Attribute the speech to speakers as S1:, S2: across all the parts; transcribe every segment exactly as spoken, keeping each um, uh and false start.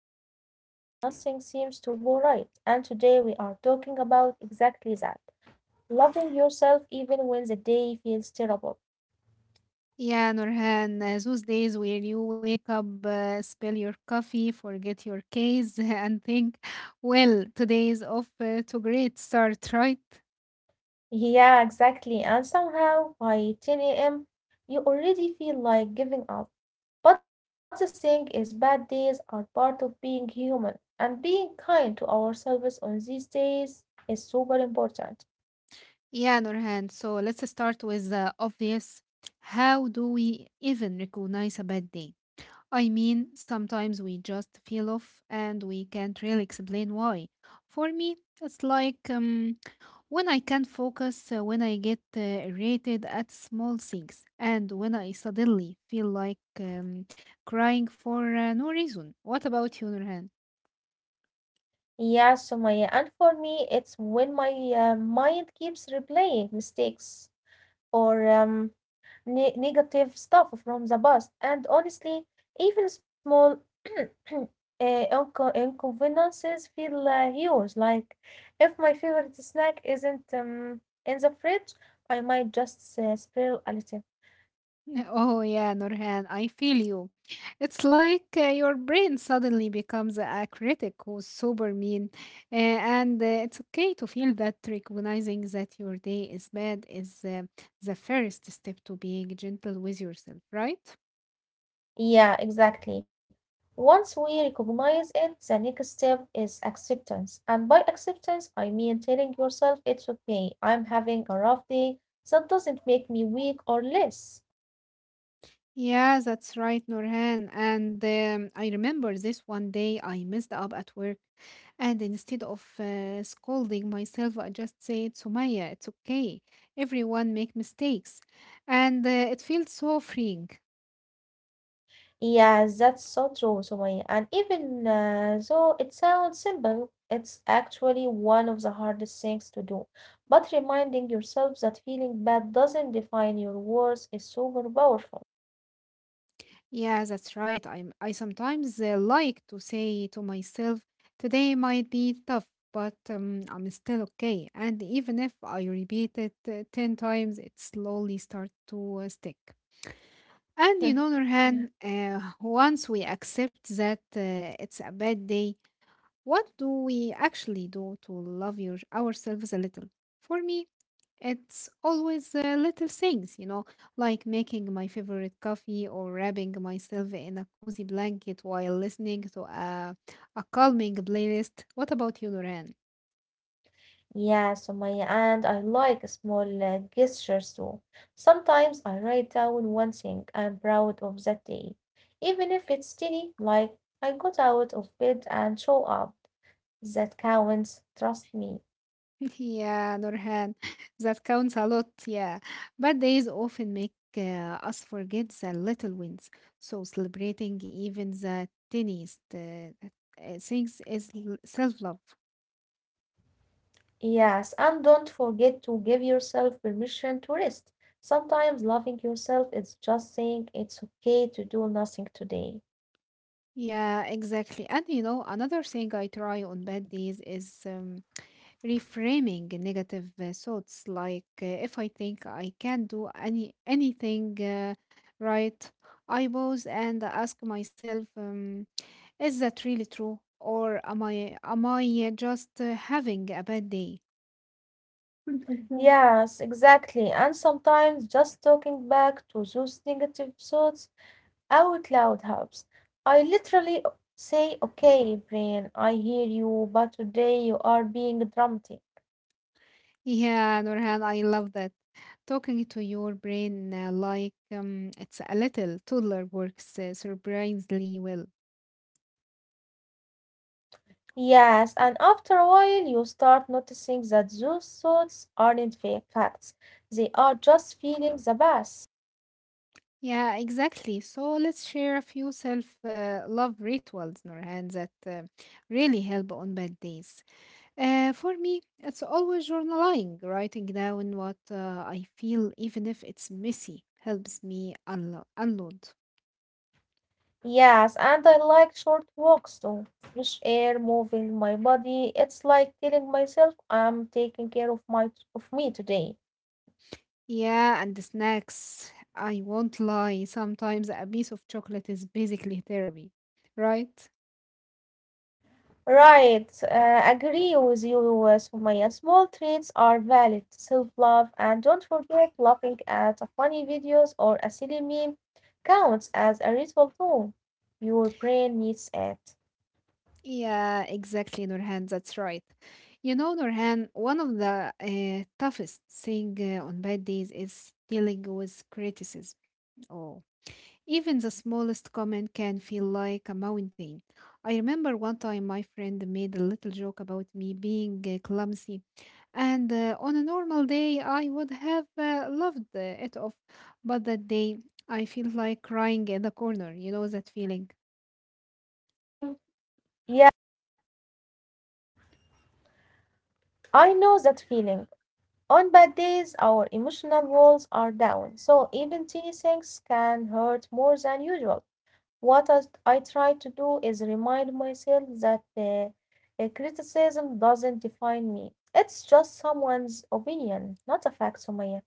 S1: those days where nothing seems to go right. And today we are talking about exactly that loving yourself even when the day feels terrible.
S2: Yeah, Nurhan, uh, those days where you wake up, uh, spill your coffee, forget your case and think, well, today is off uh, to great start, right?
S1: Yeah, exactly. And somehow by ten a m, you already feel like giving up. But the thing is, bad days are part of being human, and being kind to ourselves on these days is super important.
S2: Yeah, Nurhan. So let's start with the obvious. How do we even recognize a bad day? I mean, sometimes we just feel off and we can't really explain why. For me, it's like um, when I can't focus, uh, when I get uh, irritated at small things, and when I suddenly feel like um, crying for uh, no reason. What about you, Nurhan?
S1: Yeah, Sumaya. And for me, it's when my uh, mind keeps replaying mistakes or um, ne- negative stuff from the past. And honestly, even small uh, inco- inconveniences feel uh, huge. Like if my favorite snack isn't um, in the fridge, I might just uh, spiral a little.
S2: Oh yeah, Nurhan, I feel you. It's like uh, your brain suddenly becomes a critic who's super mean, uh, and uh, it's okay to feel that recognizing that your day is bad is uh, the first step to being gentle with yourself, right?
S1: Yeah, exactly. Once we recognize it, the next step is acceptance. And by acceptance, I mean telling yourself it's okay. I'm having a rough day. That doesn't make me weak or less.
S2: Yeah, that's right, Nurhan. And um, I remember this one day I messed up at work. And instead of uh, scolding myself, I just said, Sumaya, it's okay. Everyone make mistakes. And uh, it feels so freeing.
S1: Yeah, that's so true, Sumaya. And even uh, though it sounds simple, it's actually one of the hardest things to do. But reminding yourself that feeling bad doesn't define your worth is super powerful.
S2: Yeah, that's right. I, I sometimes uh, like to say to myself, today might be tough, but um, I'm still okay. And even if I repeat it uh, ten times, it slowly starts to uh, stick. And on the other hand, uh, once we accept that uh, it's a bad day, what do we actually do to love your, ourselves a little? For me, it's always uh, little things, you know, like making my favorite coffee or wrapping myself in a cozy blanket while listening to a, a calming playlist. What about you, Nurhan?
S1: Yeah, Sumaya, and I like small uh, gestures too. Sometimes I write down one thing I'm proud of that day, even if it's tiny, like I got out of bed and show up. That counts, trust me.
S2: Yeah, Nurhan, that counts a lot. Yeah. Bad days often make uh, us forget the little wins. So celebrating even the tiniest uh, uh, things is self love.
S1: Yes, and don't forget to give yourself permission to rest. Sometimes loving yourself is just saying it's okay to do nothing today.
S2: Yeah, exactly. And you know, another thing I try on bad days is um, reframing negative uh, thoughts. Like uh, if I think I can't do any anything uh, right, I pause and ask myself. Um, Is that really true? Or am I am I just uh, having a bad day?
S1: Mhm. Yes, exactly. And sometimes just talking back to those negative thoughts out loud helps. I literally say, okay, brain, I hear you, but today you are being dramatic.
S2: Yeah, Nurhan, I love that. Talking to your brain uh, like um, it's a little toddler works uh, surprisingly well.
S1: Yes, and after a while you start noticing that those thoughts aren't fa- facts. They are just feelings the past.
S2: Yeah, exactly. So let's share a few self uh, love rituals, Nurhan, that uh, really help on bad days. Uh, for me, it's always journaling, writing down what uh, I feel, even if it's messy, helps me unlo- unload.
S1: Yes, and I like short walks too. Fresh air, moving my body. It's like telling myself I'm taking care of my of me today.
S2: Yeah, and the snacks. I won't lie, sometimes a piece of chocolate is basically therapy, right?
S1: Right, uh, agree with you, uh, Sumaya. Small treats are valid, self-love, and don't forget laughing at funny videos or a silly meme counts as a ritual too. Your brain needs it.
S2: Yeah, exactly, Nurhan, that's right. You know, Nurhan, one of the uh, toughest thing uh, on bad days is dealing with criticism. Oh. Even the smallest comment can feel like a mountain. I remember one time my friend made a little joke about me being uh, clumsy, and uh, on a normal day I would have uh, loved uh, it off, but that day I feel like crying in the corner. You know that feeling?
S1: Mhm. Yeah, I know that feeling. On bad days, our emotional walls are down, so even teeny things can hurt more than usual. What I, I try to do is remind myself that uh, uh, criticism doesn't define me. It's just someone's opinion, not a fact, Sumaya.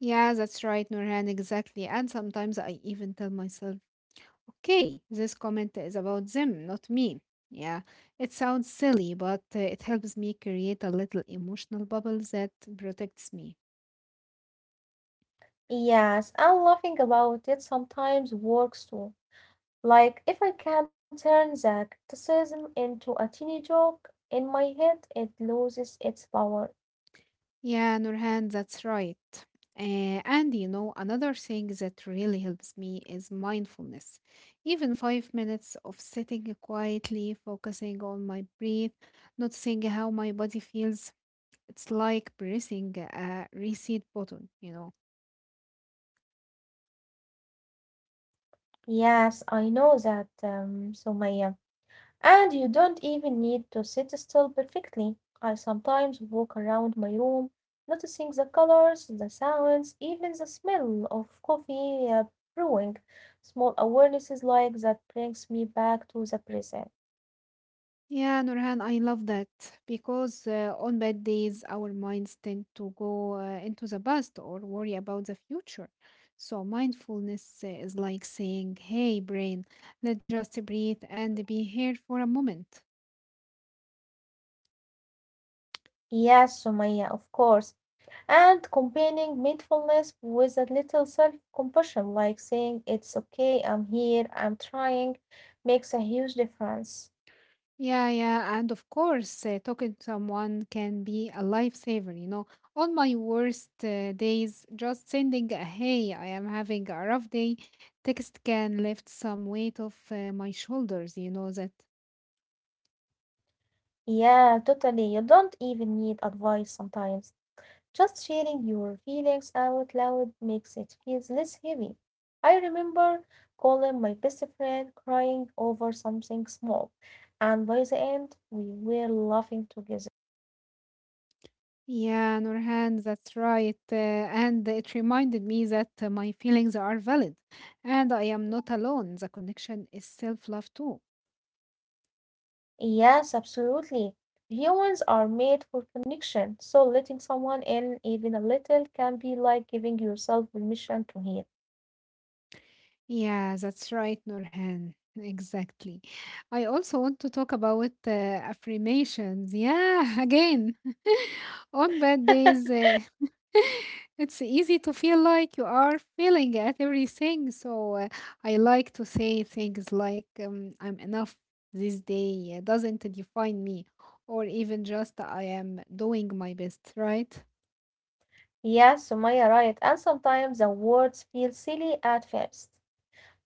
S2: Yeah, that's right, Nurhan. Exactly. And sometimes I even tell myself, okay, this comment is about them, not me. Yeah, it sounds silly, but uh, it helps me create a little emotional bubble that protects me.
S1: Yes, and laughing about it sometimes works too. Like, if I can turn the criticism into a teeny joke in my head, it loses its power.
S2: Yeah, Nurhan, that's right. Uh, and you know, another thing that really helps me is mindfulness. Even five minutes of sitting quietly, focusing on my breath, noticing how my body feels, it's like pressing a reset button, you know.
S1: Yes, I know that, um, Sumaya. And you don't even need to sit still perfectly. I sometimes walk around my room, noticing the colors, the sounds, even the smell of coffee uh, brewing. Small awarenesses like that brings me back to the present.
S2: Yeah, Nurhan, I love that because uh, on bad days, our minds tend to go uh, into the past or worry about the future. So, mindfulness uh, is like saying, hey, brain, let's just breathe and be here for a moment.
S1: Yes, Sumaya, of course. And combining mindfulness with a little self-compassion, like saying it's okay, I'm here, I'm trying, makes a huge difference.
S2: Yeah, yeah. And of course, uh, talking to someone can be a lifesaver. You know, on my worst uh, days, just sending a hey, I am having a rough day text can lift some weight off uh, my shoulders. You know that.
S1: Yeah, totally. You don't even need advice sometimes. Just sharing your feelings out loud makes it feel less heavy. I remember calling my best friend crying over something small, and by the end, we were laughing together.
S2: Yeah, Nurhan, that's right. Uh, and it reminded me that uh, my feelings are valid and I am not alone. The connection is self love too.
S1: Yes, absolutely. Humans are made for connection, so letting someone in even a little can be like giving yourself permission to heal.
S2: Yeah, that's right, Nurhan. Exactly. I also want to talk about uh, affirmations. Yeah, again, on bad days, uh, it's easy to feel like you are failing at everything. So uh, I like to say things like, um, I'm enough, this day uh, doesn't define me, or even just I am doing my best, right?
S1: Yes, Sumaya, right. And sometimes the words feel silly at first.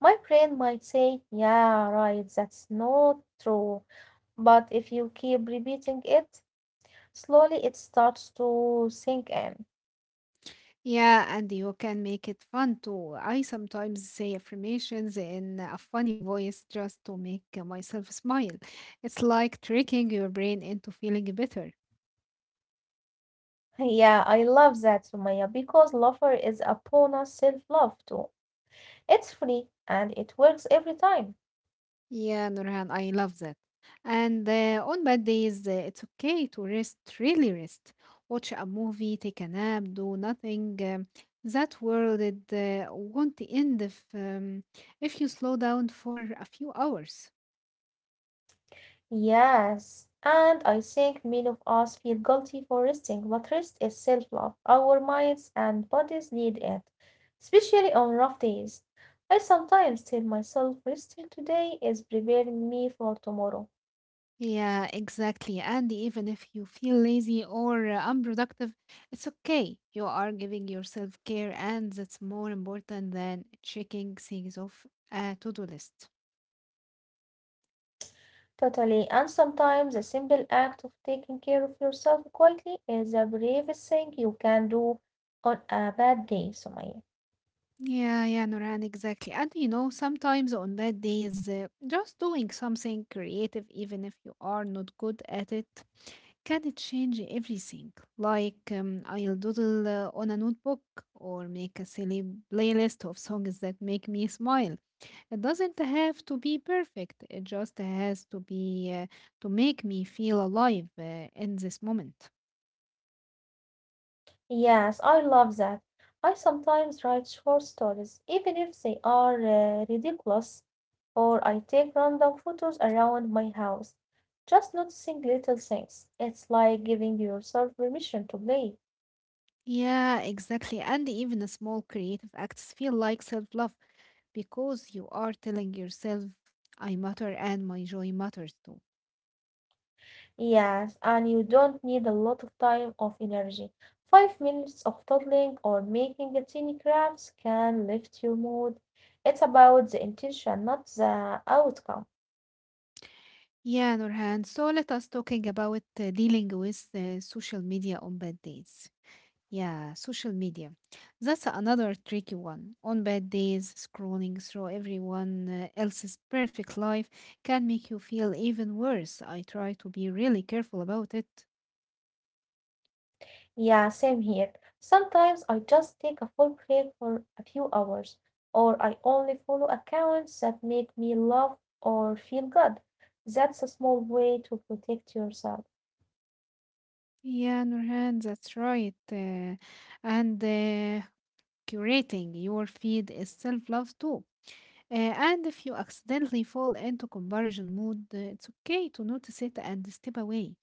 S1: My friend might say, "Yeah, right, that's not true." But if you keep repeating it, slowly it starts to sink in.
S2: Yeah, and you can make it fun too. I sometimes say affirmations in a funny voice just to make myself smile. It's like tricking your brain into feeling better.
S1: Yeah, I love that, Sumaya, because laughter is a bonus self love too. It's free and it works every time.
S2: Yeah, Nurhan, I love that. And uh, on bad days, uh, it's okay to rest, really rest. Watch a movie, take a nap, do nothing. Um, that world it, uh, won't end if, um, if you slow down for a few hours.
S1: Yes, and I think many of us feel guilty for resting, but rest is self-love. Our minds and bodies need it, especially on rough days. I sometimes tell myself resting today is preparing me for tomorrow.
S2: Yeah, exactly. And even if you feel lazy or uh, unproductive, it's okay. You are giving yourself care, and that's more important than checking things off a to do list.
S1: Totally, and sometimes the simple act of taking care of yourself quietly is the bravest thing you can do on a bad day, Sumaya.
S2: Yeah, yeah, Noran, exactly. And you know, sometimes on bad days, uh, just doing something creative, even if you are not good at it, can change everything. Like, um, I'll doodle uh, on a notebook or make a silly playlist of songs that make me smile. It doesn't have to be perfect. It just has to be uh, to make me feel alive uh, in this moment.
S1: Yes, I love that. I sometimes write short stories, even if they are uh, ridiculous, or I take random photos around my house, just noticing little things. It's like giving yourself permission to play.
S2: Yeah, exactly. And even a small creative acts feel like self love because you are telling yourself, I matter and my joy matters too.
S1: Yes, and you don't need a lot of time or energy. Five minutes of toddling or making a tiny crafts can lift your mood. It's about the intention, not the outcome.
S2: Yeah, Nurhan. So let us talking about uh, dealing with uh, social media on bad days. Yeah, social media. That's another tricky one. On bad days, scrolling through everyone uh, else's perfect life can make you feel even worse. I try to be really careful about it.
S1: Yeah, same here. Sometimes I just take a full break for a few hours, or I only follow accounts that make me laugh or feel good. That's a small way to protect yourself.
S2: Yeah, Nurhan, that's right. Uh, and uh, curating your feed is self love too. Uh, and if you accidentally fall into comparison mood, uh, it's okay to notice it and step away.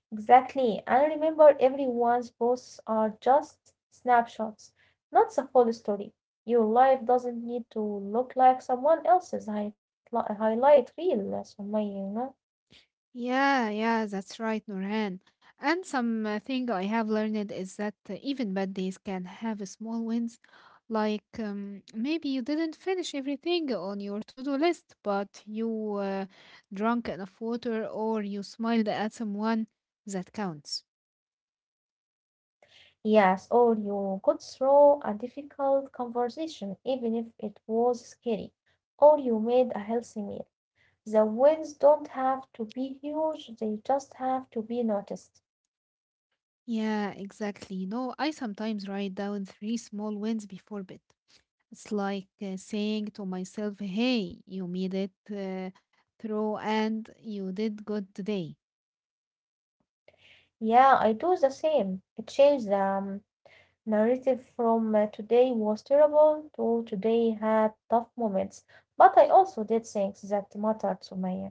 S1: Exactly. And remember, everyone's posts are just snapshots, not the full story. Your life doesn't need to look like someone else's highli- highlight reel, Sumaya, you know?
S2: Yeah, yeah, that's right, Nurhan. And something I have learned is that uh, even bad days can have a small wins, like um, maybe you didn't finish everything on your to-do list, but you uh, drank enough water or you smiled at someone. That counts.
S1: Yes, or you could throw a difficult conversation, even if it was scary, or you made a healthy meal. The wins don't have to be huge, they just have to be noticed.
S2: Yeah, exactly. You know, I sometimes write down three small wins before bed. It's like uh, saying to myself, hey, you made it uh, through and you did good today.
S1: Yeah, I do the same. I changed the um, narrative from uh, today was terrible to today had tough moments, but I also did things that mattered to me.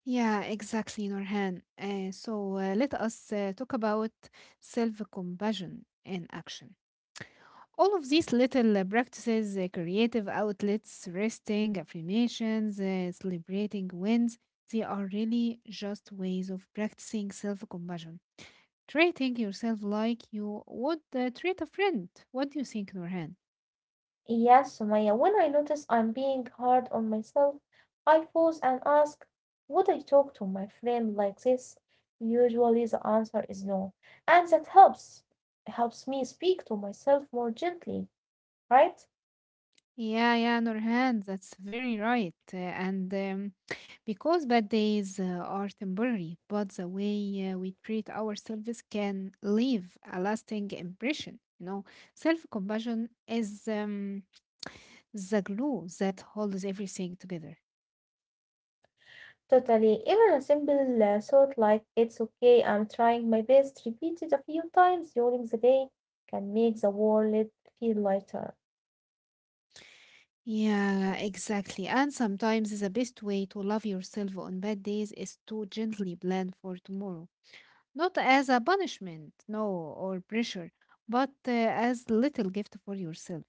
S2: Yeah, exactly, Norhan. Uh, so uh, let us uh, talk about self compassion in action. All of these little uh, practices, uh, creative outlets, resting, affirmations, uh, celebrating wins, they are really just ways of practicing self compassion. Treating yourself like you would uh, treat a friend. What do you think, Norhan?
S1: Yes, Sumaya, when I notice I'm being hard on myself, I pause and ask, would I talk to my friend like this? Usually the answer is no. And that helps helps me speak to myself more gently, right?
S2: Yeah, yeah, Nurhan, that's very right. Uh, and um, because bad days uh, are temporary, but the way uh, we treat ourselves can leave a lasting impression. You know, self compassion is um, the glue that holds everything together.
S1: Totally. Even a simple uh, thought like it's okay, I'm trying my best, repeated a few times during the day can make the world feel lighter.
S2: Yeah, exactly. And sometimes the best way to love yourself on bad days is to gently plan for tomorrow, not as a punishment, no, or pressure but uh, as little gift for yourself.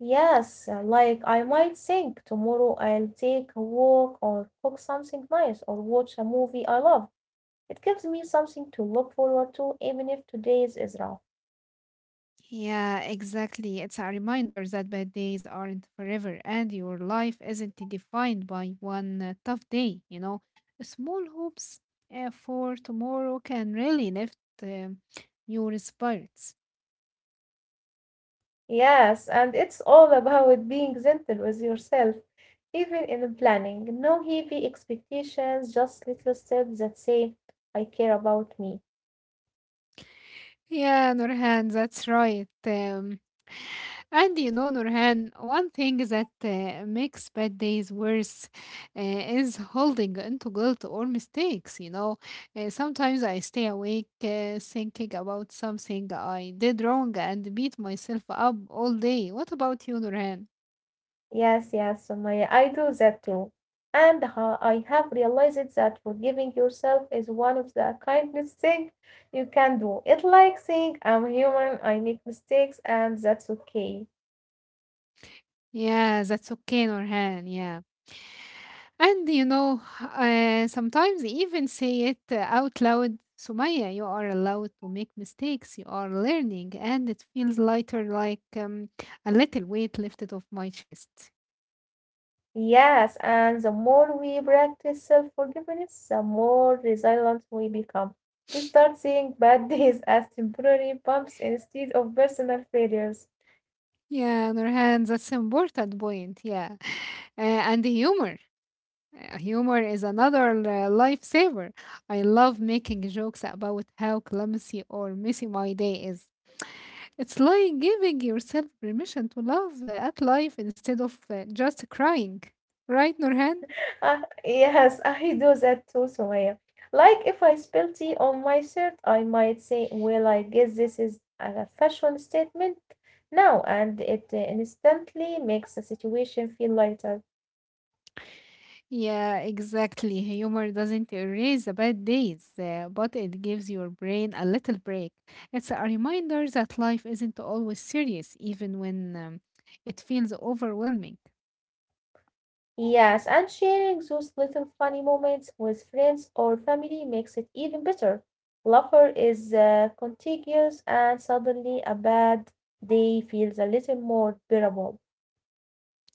S1: Yes, uh, like I might think tomorrow I'll take a walk or cook something nice or watch a movie I love. It gives me something to look forward to, even if today's is rough.
S2: Yeah, exactly. It's a reminder that bad days aren't forever and your life isn't defined by one uh, tough day, you know. Small hopes uh, for tomorrow can really lift um your spirits.
S1: Yes, and it's all about being gentle with yourself, even in planning. No heavy expectations, just little steps that say, I care about me.
S2: Yeah, Nurhan, that's right. Um, and you know, Nurhan, one thing that uh, makes bad days worse uh, is holding into guilt or mistakes. You know, uh, sometimes I stay awake uh, thinking about something I did wrong and beat myself up all day. What about you, Nurhan?
S1: Yes, yes, Sumaya, I do that too. And ha I have realized that forgiving yourself is one of the kindest things you can do. It's like saying, I'm human, I make mistakes, and that's okay.
S2: Yeah, that's okay, Nurhan. Yeah. And you know, uh, sometimes even say it uh, out loud. Sumaya, you are allowed to make mistakes. You are learning, and it feels lighter, like um, a little weight lifted off my chest.
S1: Yes, and the more we practice self-forgiveness, the more resilient we become. We start seeing bad days as temporary bumps instead of personal failures.
S2: Yeah, Nurhan, that's important point. Yeah, uh, and humor. Uh, Humor is another uh, lifesaver. I love making jokes about how clumsy or messy my day is. It's like giving yourself permission to laugh uh, at life instead of uh, just crying. Right, Nurhan?
S1: Uh, yes, I do that too, Sumaya. Like if I spill tea on my shirt, I might say, "Well, I guess this is a fashion statement now," and it uh, instantly makes the situation feel lighter.
S2: Yeah, exactly. Humor doesn't erase the bad days, uh, but it gives your brain a little break. It's a reminder that life isn't always serious, even when um, it feels overwhelming.
S1: Yes, and sharing those little funny moments with friends or family makes it even better. Laughter is uh, contagious, and suddenly a bad day feels a little more bearable.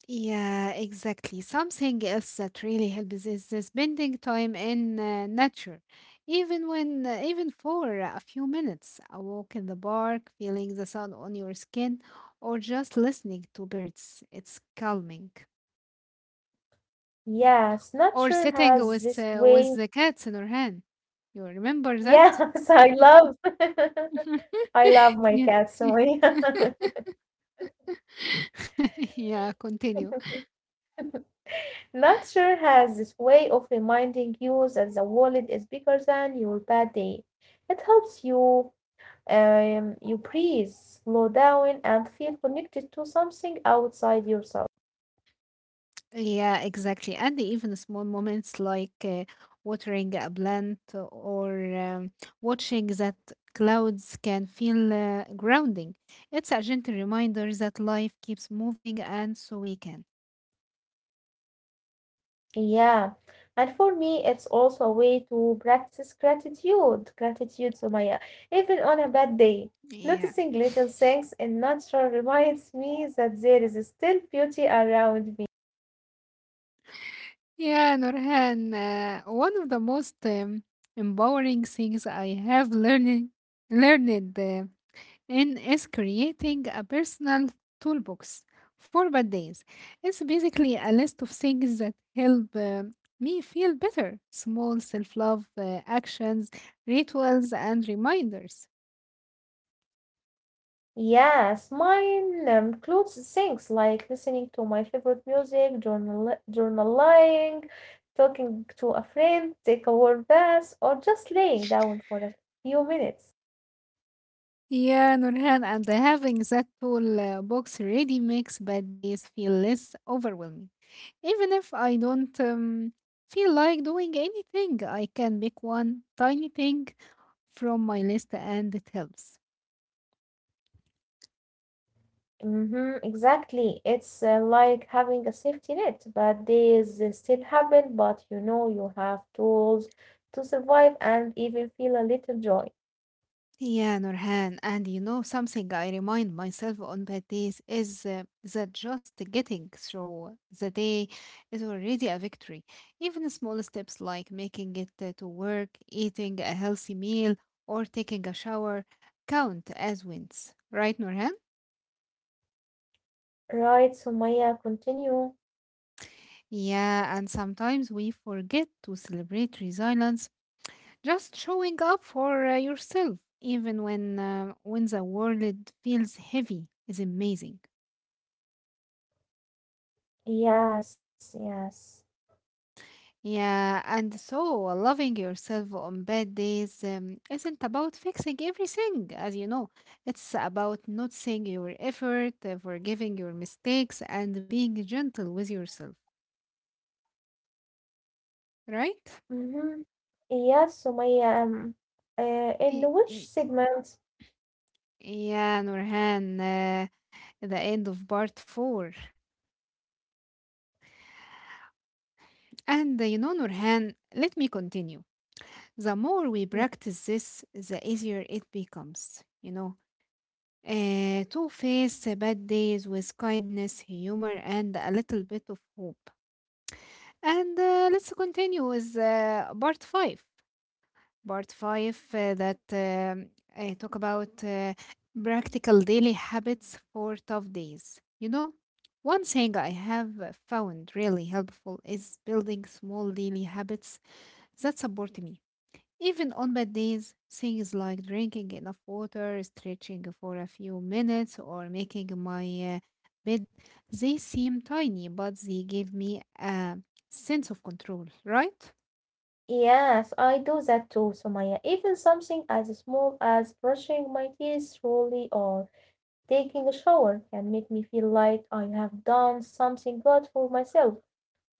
S2: Yeah, exactly. Something else that really helps is the spending time in uh, nature, even when, uh, even for a few minutes, a walk in the park, feeling the sun on your skin, or just listening to birds. It's calming.
S1: Yes,
S2: Or
S1: nature
S2: sitting
S1: has
S2: with
S1: this
S2: uh, with
S1: way.
S2: the cats in your hand. You remember that?
S1: Yes, I love I love
S2: Yeah.
S1: my cat so yeah.
S2: Yeah, continue.
S1: Nature has this way of reminding you that the world is bigger than your bad day. It helps you um you breathe, slow down and feel connected to something outside yourself.
S2: Yeah, exactly. And even small moments like uh, watering a plant or um, watching that clouds can feel uh, grounding. It's a gentle reminder that life keeps moving and so we can.
S1: Yeah, and for me, it's also a way to practice gratitude, gratitude, Sumaya, even on a bad day.
S2: Yeah.
S1: Noticing little things in nature reminds me that there is still beauty around me.
S2: Yeah, Nurhan, uh, one of the most um, empowering things I have learning, learned. Uh, and is creating a personal toolbox for bad days. It's basically a list of things that help uh, me feel better small self love uh, actions, rituals, and reminders.
S1: Yes, mine um, includes things like listening to my favorite music, journal journaling, talking to a friend, take a warm bath, or just laying down for a few minutes.
S2: Yeah, Nurhan, and having that tool uh, box ready makes bad days feel less overwhelming. Even if I don't um, feel like doing anything, I can pick one tiny thing from my list and it helps.
S1: Mm-hmm, exactly. It's uh, like having a safety net, but these still happen. But you know, you have tools to survive and even feel a little joy.
S2: Yeah, Nurhan, and you know something I remind myself on bad days is uh, that just getting through the day is already a victory. Even small steps like making it uh, to work, eating a healthy meal, or taking a shower count as wins, right, Nurhan?
S1: Right, Sumaya, continue.
S2: Yeah, and sometimes we forget to celebrate resilience, just showing up for uh, yourself, even when uh, when the world feels heavy, is amazing.
S1: Yes, yes.
S2: Yeah, and so loving yourself on bad days um, isn't about fixing everything, as you know. It's about noticing your effort, uh, forgiving your mistakes, and being gentle with yourself, right?
S1: Mm-hmm. Yes, Sumaya. Um, uh, in
S2: Y-
S1: which
S2: y-
S1: segment?
S2: Yeah, Nurhan, uh, the end of part four. And uh, you know, Nurhan, let me continue. The more we
S1: Yeah.
S2: practice this, the easier it becomes, you know. Uh, two face bad days with kindness, humor, and a little bit of hope. And uh, let's continue with uh, part five. Part five uh, that um, I talk about uh, practical daily habits for tough days. You know, one thing I have found really helpful is building small daily habits that support me even on bad days, things like drinking enough water, stretching for a few minutes, or making my uh, bed, they seem tiny, but they give me a sense of control, right?
S1: Yes, I do that too, Sumaya. Even something as small as brushing my teeth slowly or taking a shower can make me feel like I have done something good for myself.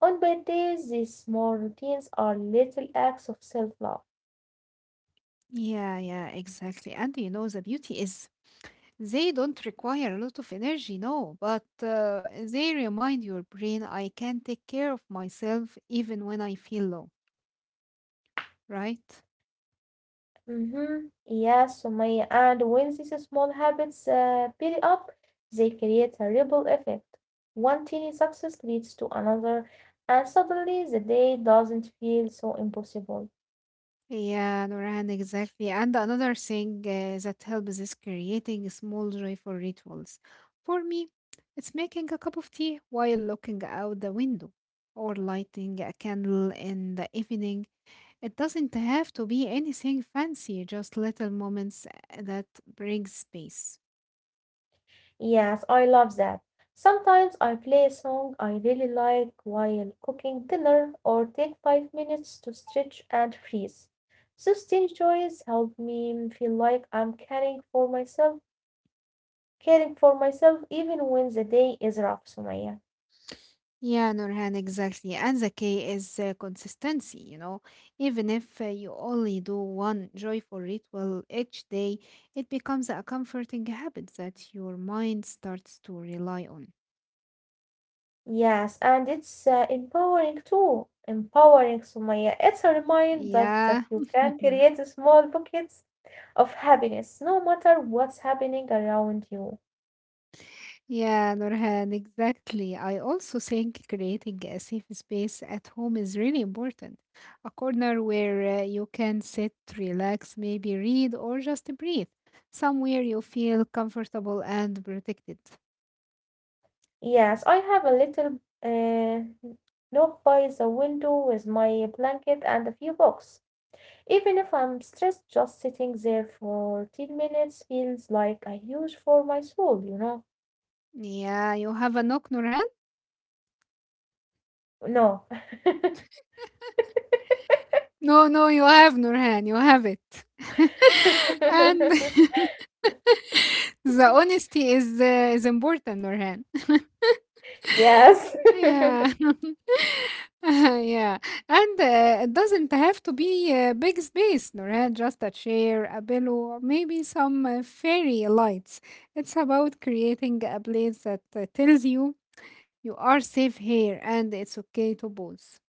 S1: On bad days these small routines are little acts of self love.
S2: Yeah, yeah, exactly. And you know, the beauty is they don't require a lot of energy, no, but uh, they remind your brain I can take care of myself even when I feel low, right?
S1: Mm-hmm. Yes, Sumaya. And when these small habits uh, build up, they create a ripple effect. One tiny success leads to another, and suddenly the day doesn't feel so impossible.
S2: Yeah, Nurhan, exactly. And another thing uh, that helps is creating small joyful rituals. For me, it's making a cup of tea while looking out the window or lighting a candle in the evening. It doesn't have to be anything fancy, just little moments eh, that brings peace.
S1: Yes, I love that. Sometimes I play a song I really like while cooking dinner or take five minutes to stretch and freeze. Those tiny joys help me feel like I'm caring for myself, caring for myself even when the day is rough, Sumaya.
S2: Yeah, Nurhan, exactly. And the key is uh, consistency, you know. Even if uh, you only do one joyful ritual each day, it becomes a comforting habit that your mind starts to rely on.
S1: Yes, and it's uh, empowering too. Empowering, Sumaya. It's a reminder that, that
S2: Yeah.
S1: you can create small pockets of happiness no matter what's happening around you.
S2: Yeah, Nurhan, exactly. I also think creating a safe space at home is really important. A corner where uh, you can sit, relax, maybe read, or just breathe. Somewhere you feel comfortable and protected.
S1: Yes, I have a little uh, nook by the window with my blanket and a few books. Even if I'm stressed, just sitting there for ten minutes feels like a huge for my soul, you know?
S2: Yeah, you have a knock, Nurhan?
S1: No.
S2: No, no, you have Nurhan. You have it. and the honesty is uh, is important, Nurhan.
S1: Yes.
S2: yeah. yeah. And uh, it doesn't have to be a big space, Nurhan. Just a chair, a pillow, maybe some uh, fairy lights. It's about creating a place that uh, tells you you are safe here and it's okay to pause.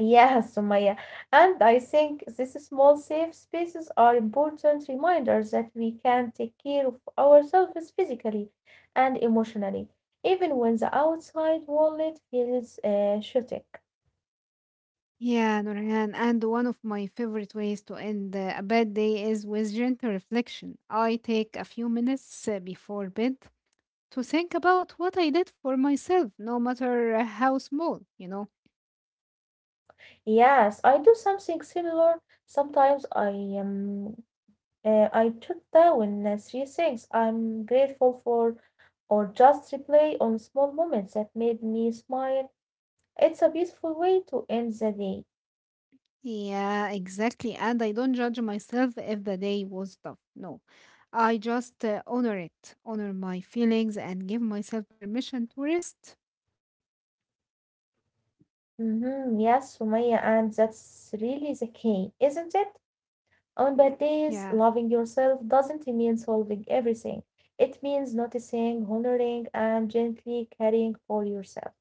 S1: Yes, Sumaya. And I think these small safe spaces are important reminders that we can take care of ourselves physically and emotionally, even when the outside world feels uh, chaotic.
S2: Yeah, Nurhan, and one of my favorite ways to end uh, a bad day is with gentle reflection. I take a few minutes uh, before bed to think about what I did for myself, no matter uh, how small, you know.
S1: Yes, I do something similar. Sometimes I um uh, I jot down uh, three things I'm grateful for, or just replay on small moments that made me smile. It's a beautiful way to end the day.
S2: Yeah, exactly. And I don't judge myself if the day was tough. No, I just uh, honor it, honor my feelings, and give myself permission to rest.
S1: Mm-hmm, yes, Sumaya, and that's really the key, isn't it? On bad days,
S2: Yeah.
S1: loving yourself doesn't mean solving everything. It means noticing, honoring, and gently caring for yourself.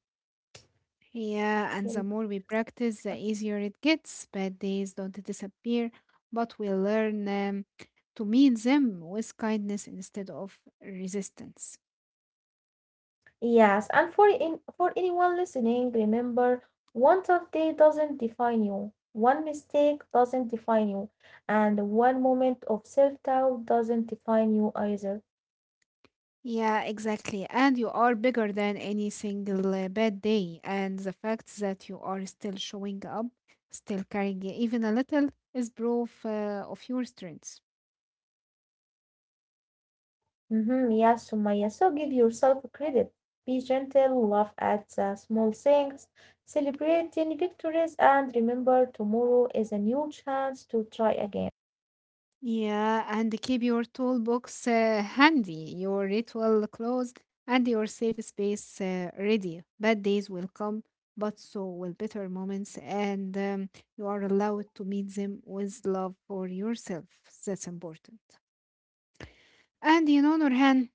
S2: Yeah,
S1: Okay.
S2: and the more we practice, the easier it gets. Bad days don't disappear, but we learn um, to meet them with kindness instead of resistance.
S1: Yes, and for in, for anyone listening, remember one tough day doesn't define you. One mistake doesn't define you, and one moment of self-doubt doesn't define you either.
S2: Yeah, exactly. And you are bigger than any single uh, bad day. And the fact that you are still showing up, still carrying even a little, is proof uh, of your strength.
S1: Mm-hmm, yes, Sumaya. So give yourself credit. Be gentle, laugh at the small things, celebrate tiny victories, and remember tomorrow is a new chance to try again.
S2: Yeah, and keep your toolbox uh, handy, your ritual clothes, and your safe space uh, ready. Bad days will come, but so will better moments, and um, you are allowed to meet them with love for yourself. That's important. And you know, Nurhan,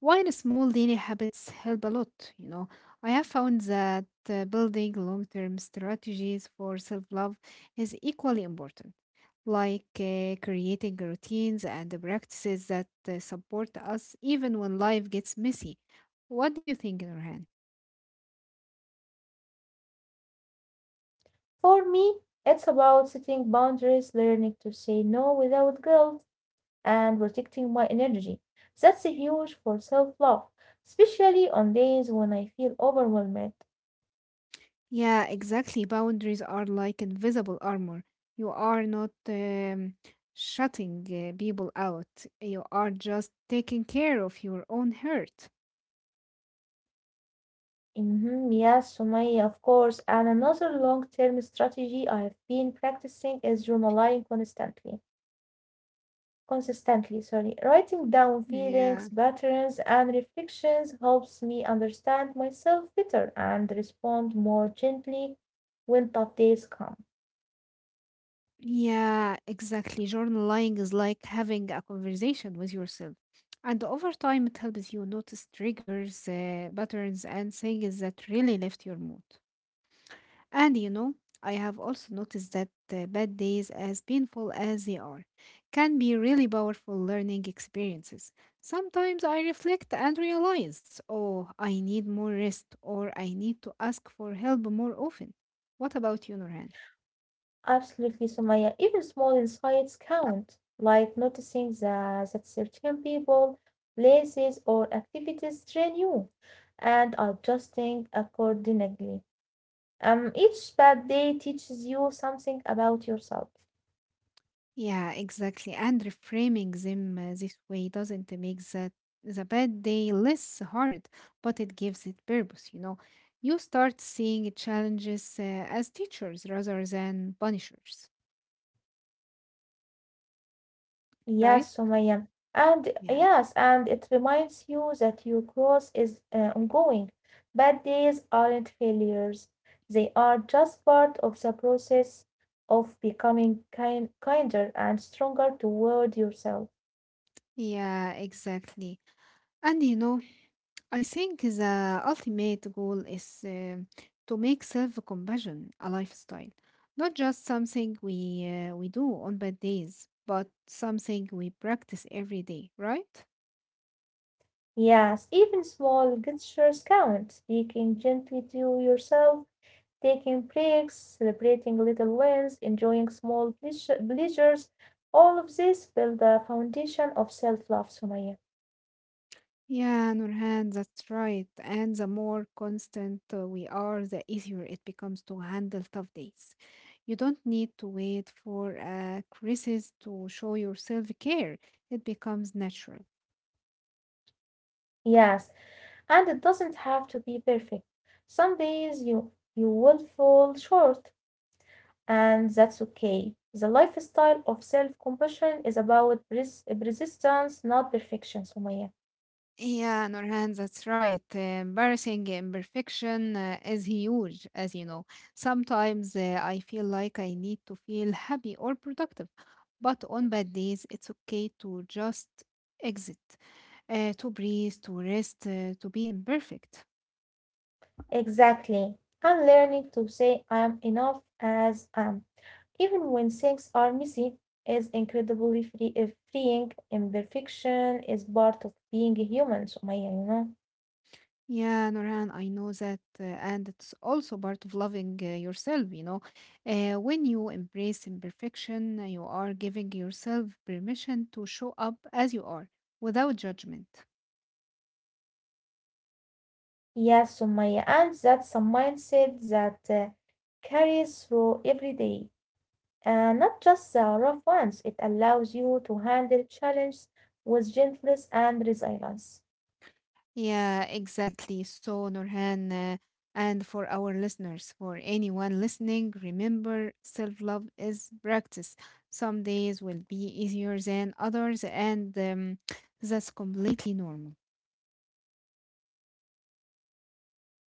S2: while small daily habits help a lot, you know, I have found that uh, building long term strategies for self love is equally important like uh, creating routines and practices that uh, support us even when life gets messy. What do you think, Nurhan?
S1: For me, it's about setting boundaries, learning to say no without guilt and protecting my energy. That's huge for self love, especially on days when I feel overwhelmed.
S2: Yeah, exactly. Boundaries are like invisible armor. You are not um, shutting uh, people out, you are just taking care of your own hurt.
S1: Mhm, yes, Sumaya, of course. And another long term strategy I have been practicing is journaling constantly. Consistently, sorry. Writing down
S2: Yeah.
S1: feelings, patterns, and reflections helps me understand myself better and respond more gently when tough days come.
S2: Yeah, exactly. Journaling is like having a conversation with yourself. And over time, it helps you notice triggers, uh, patterns, and things that really lift your mood. And you know, I have also noticed that uh, bad days, as painful as they are, can be really powerful learning experiences. Sometimes I reflect and realize, oh, I need more rest, or I need to ask for help more often. What about you, Norhan?
S1: Absolutely, Sumaya. Even small insights count, like noticing that, that certain people, places, or activities train you, and adjusting accordingly. Um, each bad day teaches you something about yourself.
S2: Yeah, exactly. And reframing them uh, this way doesn't make that the bad day less hard, but it gives it purpose, you know. You start seeing challenges uh, as teachers rather than punishers, right?
S1: Yes, Sumaya. And
S2: Yeah.
S1: yes, and it reminds you that your growth is uh, ongoing. Bad days aren't failures. They are just part of the process of becoming kind, kinder and stronger toward yourself.
S2: Yeah, exactly. And you know, I think the ultimate goal is um to make self-compassion a lifestyle, not just something we uh, we do on bad days, but something we practice every day, right?
S1: Yes, even small gestures count. Speaking gently to yourself, taking breaks, celebrating little wins, enjoying small pleasure, pleasures. All of this build the foundation of self-love, Sumaya.
S2: Yeah, Nurhan, that's right. And the more constant uh, we are, the easier it becomes to handle tough days. You don't need to wait for a crisis to show your self care, it becomes natural.
S1: Yes, and it doesn't have to be perfect. Some days you you will fall short, and that's okay. The lifestyle of self-compassion is about pres- persistence, not perfection, Sumaya.
S2: Yeah, Nurhan, that's right. Uh, Embarrassing imperfection uh, is huge, as you know. Sometimes uh, I feel like I need to feel happy or productive, but on bad days, it's okay to just exit, uh, to breathe, to rest, uh, to be imperfect.
S1: Exactly. I'm learning to say I am enough as I am, even when things are messy. Is incredibly free, uh, freeing. Imperfection is part of being human, Sumaya. You know.
S2: Yeah, Nurhan, I know that, uh, and it's also part of loving uh, yourself, you know. Uh, when you embrace imperfection, uh, you are giving yourself permission to show up as you are without judgment.
S1: Yes, Sumaya, and that's a mindset that uh, carries through every day, uh, not just the rough ones. It allows you to handle challenges with gentleness and resilience.
S2: Yeah, exactly. So, Nurhan, uh, and for our listeners, for anyone listening, remember self love is practice. Some days will be easier than others, and um, that's completely normal.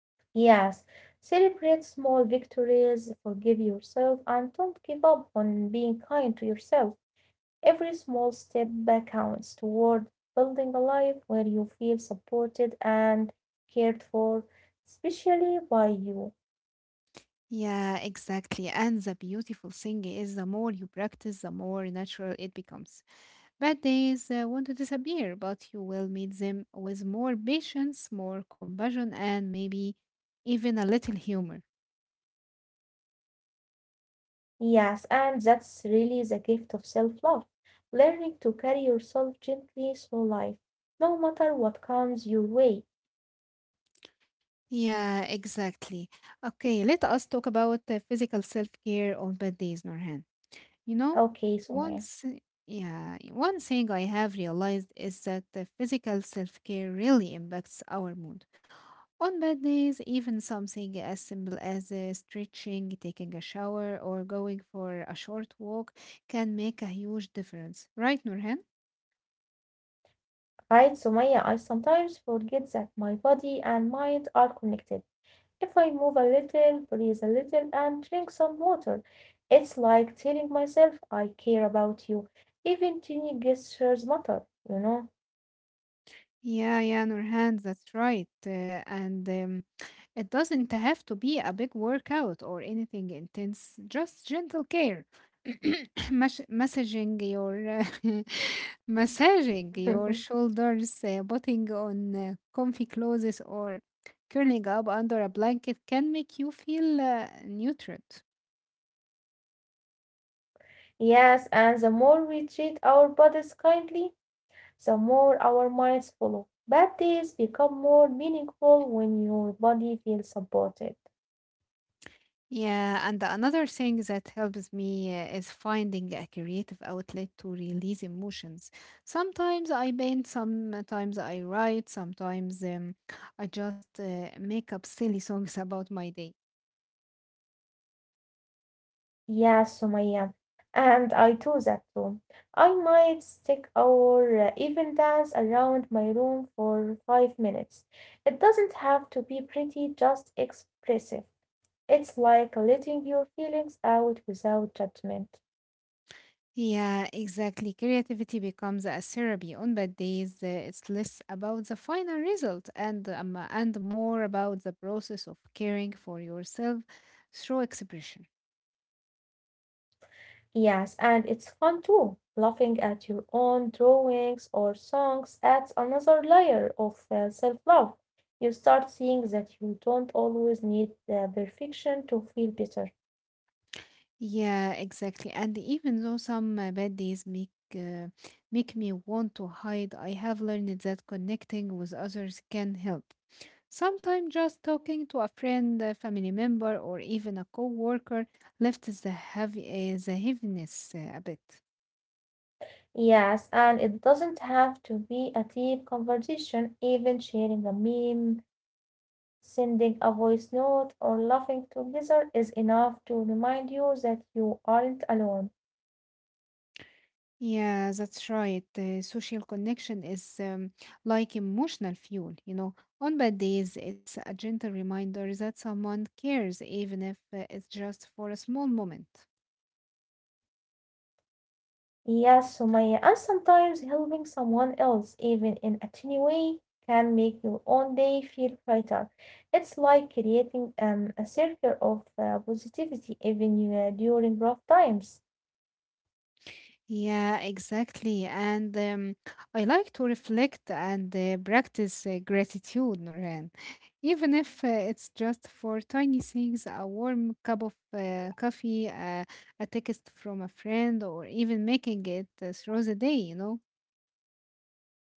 S1: Yes, celebrate small victories, forgive yourself, and don't give up on being kind to yourself. Every small step back counts toward building a life where you feel supported and cared for, especially by you.
S2: Yeah, exactly. And the beautiful thing is, the more you practice, the more natural it becomes. Bad days uh, want to disappear, but you will meet them with more patience, more compassion, and maybe even a little humor.
S1: Yes, and that's really the gift of self-love, learning to carry yourself gently through life, no matter what comes your way.
S2: Yeah, exactly. Okay, let us talk about uh, physical self care on bad days, Norhan. You know,
S1: Okay, Sumaya.
S2: once, yeah, one thing I have realized is that the physical self care really impacts our mood on bad days, even something as simple as uh, stretching, taking a shower, or going for a short walk can make a huge difference. Right, Nurhan?
S1: Right, Sumaya, I sometimes forget that my body and mind are connected. If I move a little, breathe a little, and drink some water, it's like telling myself I care about you. Even tiny gestures matter, you know?
S2: Yeah, yeah, Nurhan, that's right. Uh, and um, it doesn't have to be a big workout or anything intense, just gentle care. Mas- massaging your uh, massaging your shoulders, uh, putting on uh, comfy clothes, or curling up under a blanket can make you feel uh, nurtured.
S1: Yes, and the more we treat our bodies kindly, the more our minds follow. Bad days become more meaningful when your body feels supported.
S2: Yeah, and another thing that helps me uh, is finding a creative outlet to release emotions. Sometimes I paint, sometimes I write, sometimes um, I just uh, make up silly songs about my day.
S1: Yes, Sumaya. And I do that too. I might stick or uh, even dance around my room for five minutes. It doesn't have to be pretty, just expressive. It's like letting your feelings out without judgment.
S2: Yeah, exactly. Creativity becomes a therapy on bad days. uh, It's less about the final result and um, and more about the process of caring for yourself through expression.
S1: Yes, and it's fun too. Laughing at your own drawings or songs adds another layer of uh, self-love. You start seeing that you don't always need uh, perfection to feel better.
S2: Yeah, exactly. And even though some uh, bad days make uh, make me want to hide, I have learned that connecting with others can help. Sometimes just talking to a friend, a family member, or even a coworker lifts the heavy uh, the heaviness uh, a bit.
S1: Yes, and it doesn't have to be a deep conversation. Even sharing a meme, sending a voice note, or laughing together is enough to remind you that you aren't alone.
S2: Yeah, that's right. Uh, social connection is um, like emotional fuel, you know. On bad days, it's a gentle reminder that someone cares, even if uh, it's just for a small moment.
S1: Yes, Sumaya, and sometimes helping someone else, even in a tiny way, can make your own day feel brighter. It's like creating um, a circle of uh, positivity even uh, during rough times.
S2: Yeah, exactly. And um, I like to reflect and uh, practice uh, gratitude, Noreen, even if uh, it's just for tiny things, a warm cup of uh, coffee, uh, a text from a friend, or even making it uh, through the day, you know.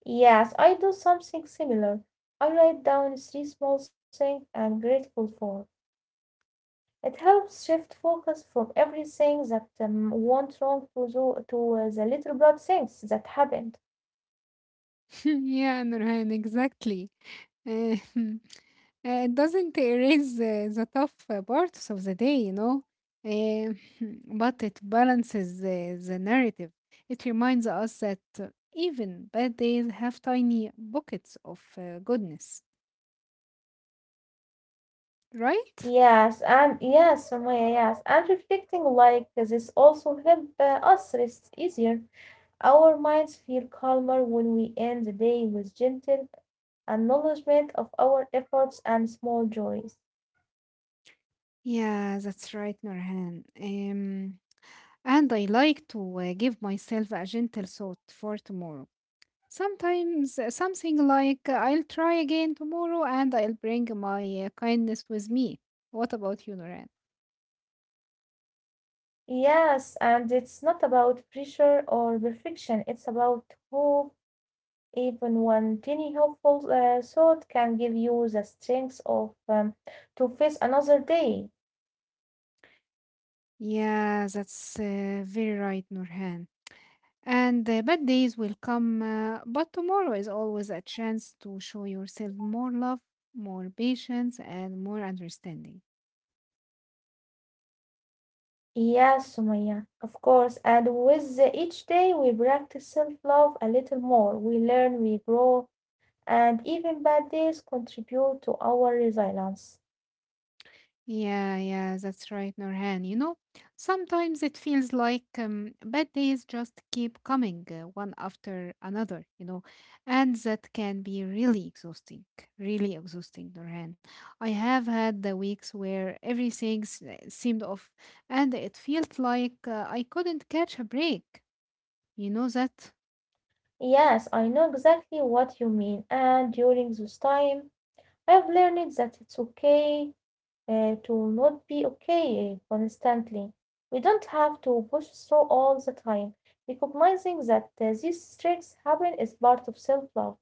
S1: Yes, I do something similar. I write down three small things I'm grateful for. It helps shift focus from everything that um, went wrong to, the, to uh, the little good things that happened.
S2: Yeah, Nurhan, exactly. Uh, uh, it doesn't erase uh, the tough uh, parts of the day, you know, uh, but it balances the the narrative. It reminds us that uh, even bad days have tiny buckets of uh, goodness, right?
S1: Yes, and yes, Sumaya, yes, and reflecting like this also help uh, us rest easier. Our minds feel calmer when we end the day with gentle acknowledgement of our efforts and small joys.
S2: Yeah, that's right, Nurhan. Um, and I like to uh, give myself a gentle thought for tomorrow. Sometimes uh, something like, I'll try again tomorrow and I'll bring my uh, kindness with me. What about you, Noran?
S1: Yes, and it's not about pressure or perfection, it's about hope. Even one tiny hopeful uh, thought can give you the strength of um, to face another day.
S2: Yeah, that's uh, very right, Nurhan. And the bad days will come, uh, but tomorrow is always a chance to show yourself more love, more patience, and more understanding.
S1: Yes, Sumaya, of course. And with the- each day, we practice self love a little more. We learn, we grow, and even bad days contribute to our resilience.
S2: Yeah, yeah, that's right, Norhan. You know, sometimes it feels like um, bad days just keep coming uh, one after another, you know, and that can be really exhausting, really exhausting, Norhan. I have had the weeks where everything s- eh, seemed off and it felt like uh, I couldn't catch a break. You know that?
S1: Yes, I know exactly what you mean. And during this time, I've learned that it's okay uh, to not be okay constantly. We don't have to push through all the time. Recognizing that uh, these streaks happen is part of self love.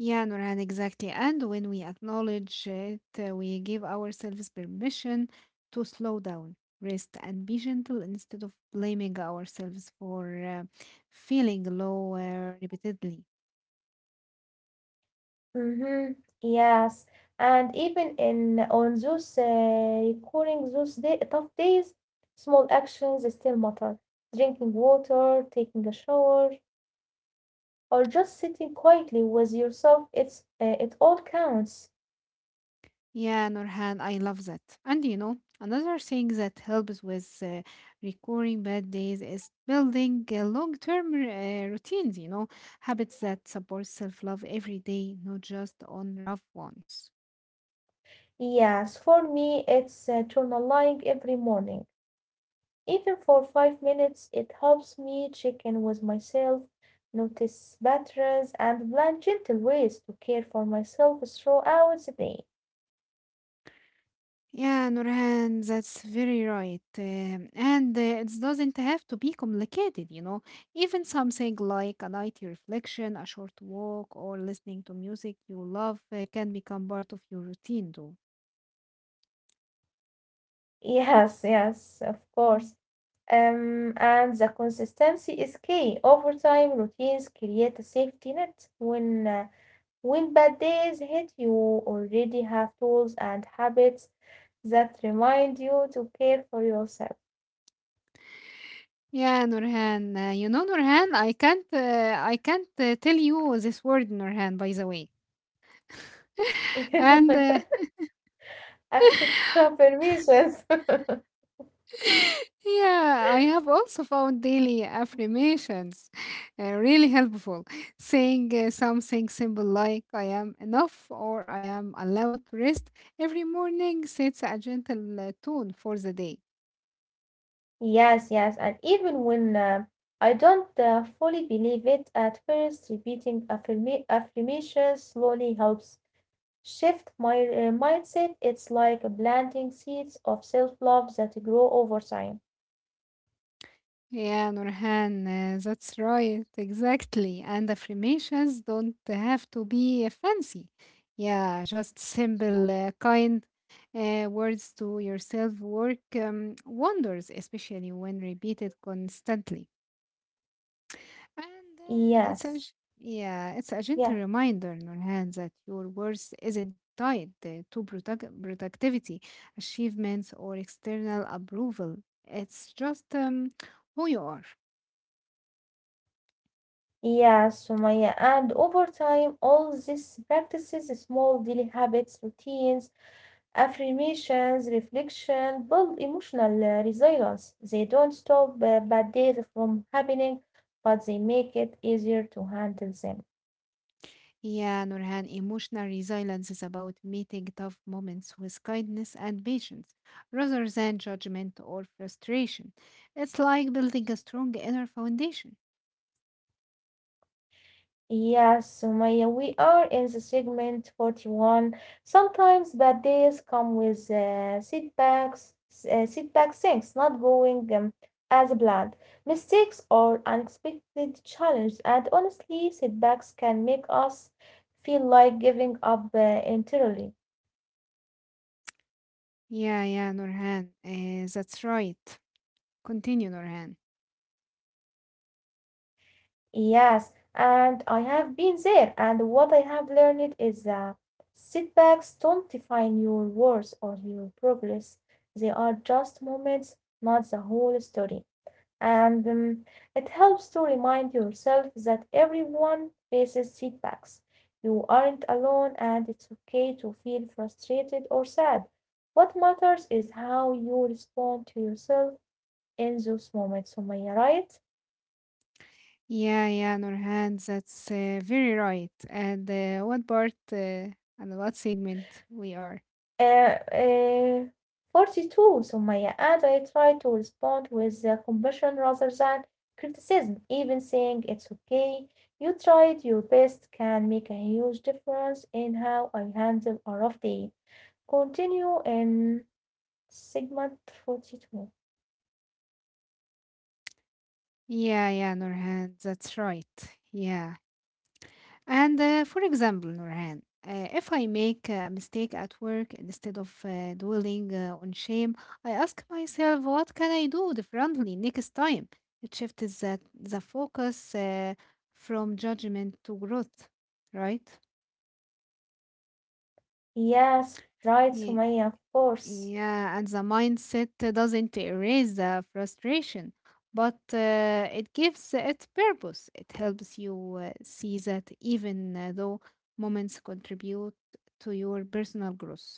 S2: Yeah, Nurhan, exactly. And when we acknowledge it, uh, we give ourselves permission to slow down, rest, and be gentle instead of blaming ourselves for uh, feeling low uh, repeatedly.
S1: Mhm. Yes, and even in on those uh, recurring those day, tough days, small actions still matter. Drinking water, taking a shower, or just sitting quietly with yourself, it's uh, it all counts.
S2: Yeah, Nurhan, I love that. And you know, another thing that helps with uh, recurring bad days is building uh, long-term uh, routines, you know, habits that support self-love every day, not just on rough ones.
S1: Yes, for me, it's uh, journaling every morning. Even for five minutes, it helps me check in with myself, notice patterns, and plan gentle ways to care for myself throughout the day.
S2: Yeah, Nurhan, that's very right. Um, and uh, It doesn't have to be complicated, you know. Even something like a nightly reflection, a short walk, or listening to music you love uh, can become part of your routine, too.
S1: Yes, yes, of
S2: Mm.
S1: course. Um, and the consistency is key. Over time, routines create a safety net. When uh, when bad days hit, you already have tools and habits that remind you to care for yourself.
S2: Yeah, Nurhan. Uh, you know, Nurhan, I can't, uh, I can't uh, tell you this word, Nurhan. By the way, and uh,
S1: Affi- Affirmations.
S2: yeah, I have also found daily affirmations uh, really helpful. Saying uh, something simple like I am enough or I am allowed to rest every morning sets a gentle uh, tone for the day.
S1: Yes, yes, and even when uh, I don't uh, fully believe it at first, repeating affirma- affirmations slowly helps shift my uh, mindset. It's like planting seeds of self-love that grow over time.
S2: Yeah, Nurhan, uh, that's right, exactly. And affirmations don't have to be uh, fancy. Yeah, just simple, uh, kind uh, words to yourself work um, wonders, especially when repeated constantly. And uh, it's a
S1: Yes,
S2: g- Yeah, it's a gentle
S1: yeah,
S2: reminder, Nurhan, that your worth isn't tied uh, to product- productivity, achievements, or external approval. It's just um, who you are.
S1: yes, Sumaya. And over time, all these practices, small daily habits, routines, affirmations, reflection build emotional uh, resilience. They don't stop uh, bad days from happening, but they make it easier to handle them.
S2: Yeah, Nurhan, emotional resilience is about meeting tough moments with kindness and patience rather than judgment or frustration. It's like building a strong inner foundation.
S1: Yes, Sumaya, we are in the segment forty-one. Sometimes bad days come with uh, setbacks, uh, setback things not going um, as planned, mistakes or unexpected challenges, and honestly, setbacks can make us feel like giving up uh, entirely.
S2: Yeah, yeah, Nurhan, eh, that's right. Continue, Nurhan.
S1: Yes, and I have been there, and what I have learned is that setbacks don't define your worth or your progress. They are just moments, not the whole story. And um, it helps to remind yourself that everyone faces setbacks. You aren't alone, and it's okay to feel frustrated or sad. What matters is how you respond to yourself in those moments. Am I right?
S2: Yeah, yeah, Nurhan, that's uh, very right. And uh, what part uh, and what segment we are?
S1: Uh, uh, forty-two, Sumaya, and I try to respond with uh, compassion rather than criticism, even saying it's okay. You tried your best can make a huge difference in how I handle a rough day. Continue in segment forty-two.
S2: Yeah, yeah, Nurhan, that's right. Yeah. And uh, for example, Nurhan, uh, if I make uh, a mistake at work, instead of uh, dwelling uh, on shame, I ask myself, what can I do differently next time? It shifts the, the focus uh, from judgment to growth, right?
S1: Yes, right,
S2: Yeah.
S1: Sumaya, of course.
S2: Yeah, and the mindset doesn't erase the frustration, but uh, it gives it purpose. It helps you uh, see that even uh, though moments contribute to your personal growth.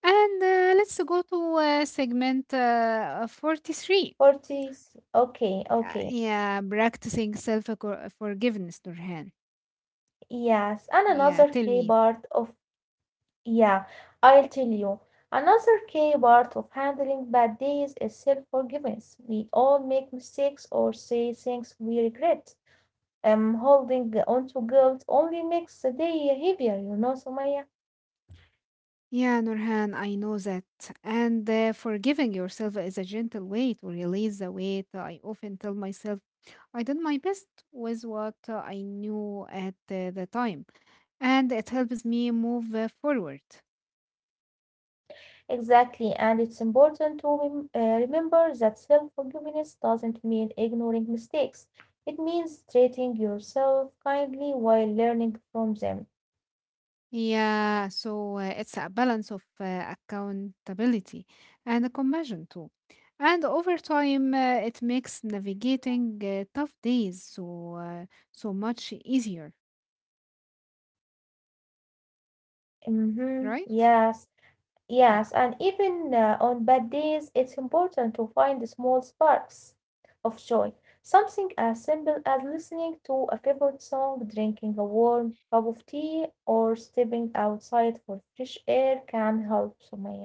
S2: And uh, let's go to uh, segment uh, forty-three.
S1: forty, okay,
S2: Yeah,
S1: okay.
S2: yeah, practicing self forgiveness, Nurhan.
S1: Yes, and
S2: Yeah,
S1: another
S2: tell
S1: key
S2: me.
S1: part of. Yeah, I'll tell you. Another key part of handling bad days is self-forgiveness. We all make mistakes or say things we regret. Um, holding on to guilt only makes the day heavier, you know, Sumaya.
S2: Yeah, Nurhan, I know that. And uh, forgiving yourself is a gentle way to release the weight. I often tell myself, I did my best with what uh, I knew at uh, the time, and it helps me move uh, forward.
S1: Exactly, and it's important to rem- uh, remember that self-forgiveness doesn't mean ignoring mistakes. It means treating yourself kindly while learning from them.
S2: Yeah, so uh, it's a balance of uh, accountability and compassion too. And over time, uh, it makes navigating uh, tough days so uh, so much easier,
S1: Mm-hmm.
S2: right?
S1: Yes.
S2: Yeah.
S1: Yes, and even uh, on bad days, it's important to find small sparks of joy. Something as simple as listening to a favorite song, drinking a warm cup of tea, or stepping outside for fresh air can help, Sumaya.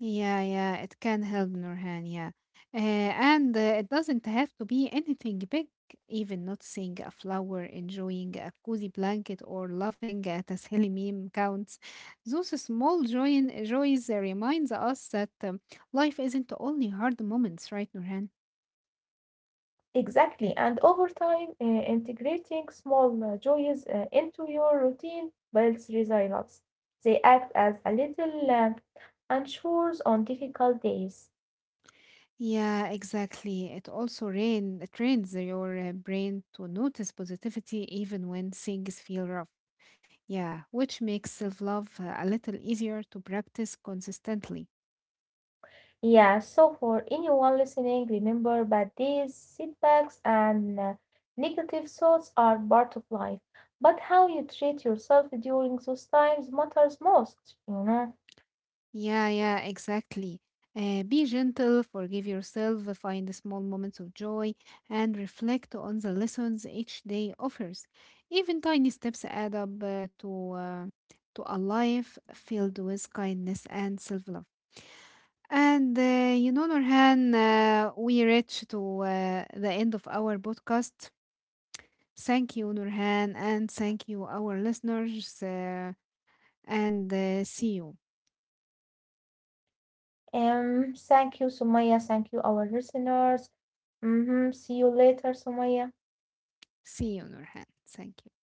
S2: Yeah, yeah, it can help Nurhan, yeah. Uh, and uh, It doesn't have to be anything big, even noticing a flower, enjoying a cozy blanket, or laughing at a silly meme counts. Those small joy joys uh, reminds us that um, life isn't only hard moments, right, Nurhan?
S1: Exactly, and over time, uh, integrating small uh, joys uh, into your routine builds resilience. They act as a little lamp and shores on difficult days.
S2: Yeah, exactly. It also rain, trains your uh, brain to notice positivity even when things feel rough. Yeah, which makes self love a little easier to practice consistently.
S1: Yeah, so for anyone listening, remember that these setbacks and uh, negative thoughts are part of life, but how you treat yourself during those times matters most, you know.
S2: Yeah, yeah, exactly. Uh, be gentle, forgive yourself, uh, find small moments of joy, and reflect on the lessons each day offers. Even tiny steps add up uh, to, uh, to a life filled with kindness and self love. And uh, you know, Nurhan, uh, we reached to uh, the end of our podcast. Thank you, Nurhan, and thank you, our listeners. Uh, and uh, See you.
S1: Um, thank you, Sumaya. Thank you, our listeners. Mm-hmm. See you later, Sumaya.
S2: See you, Nurhan. Thank you.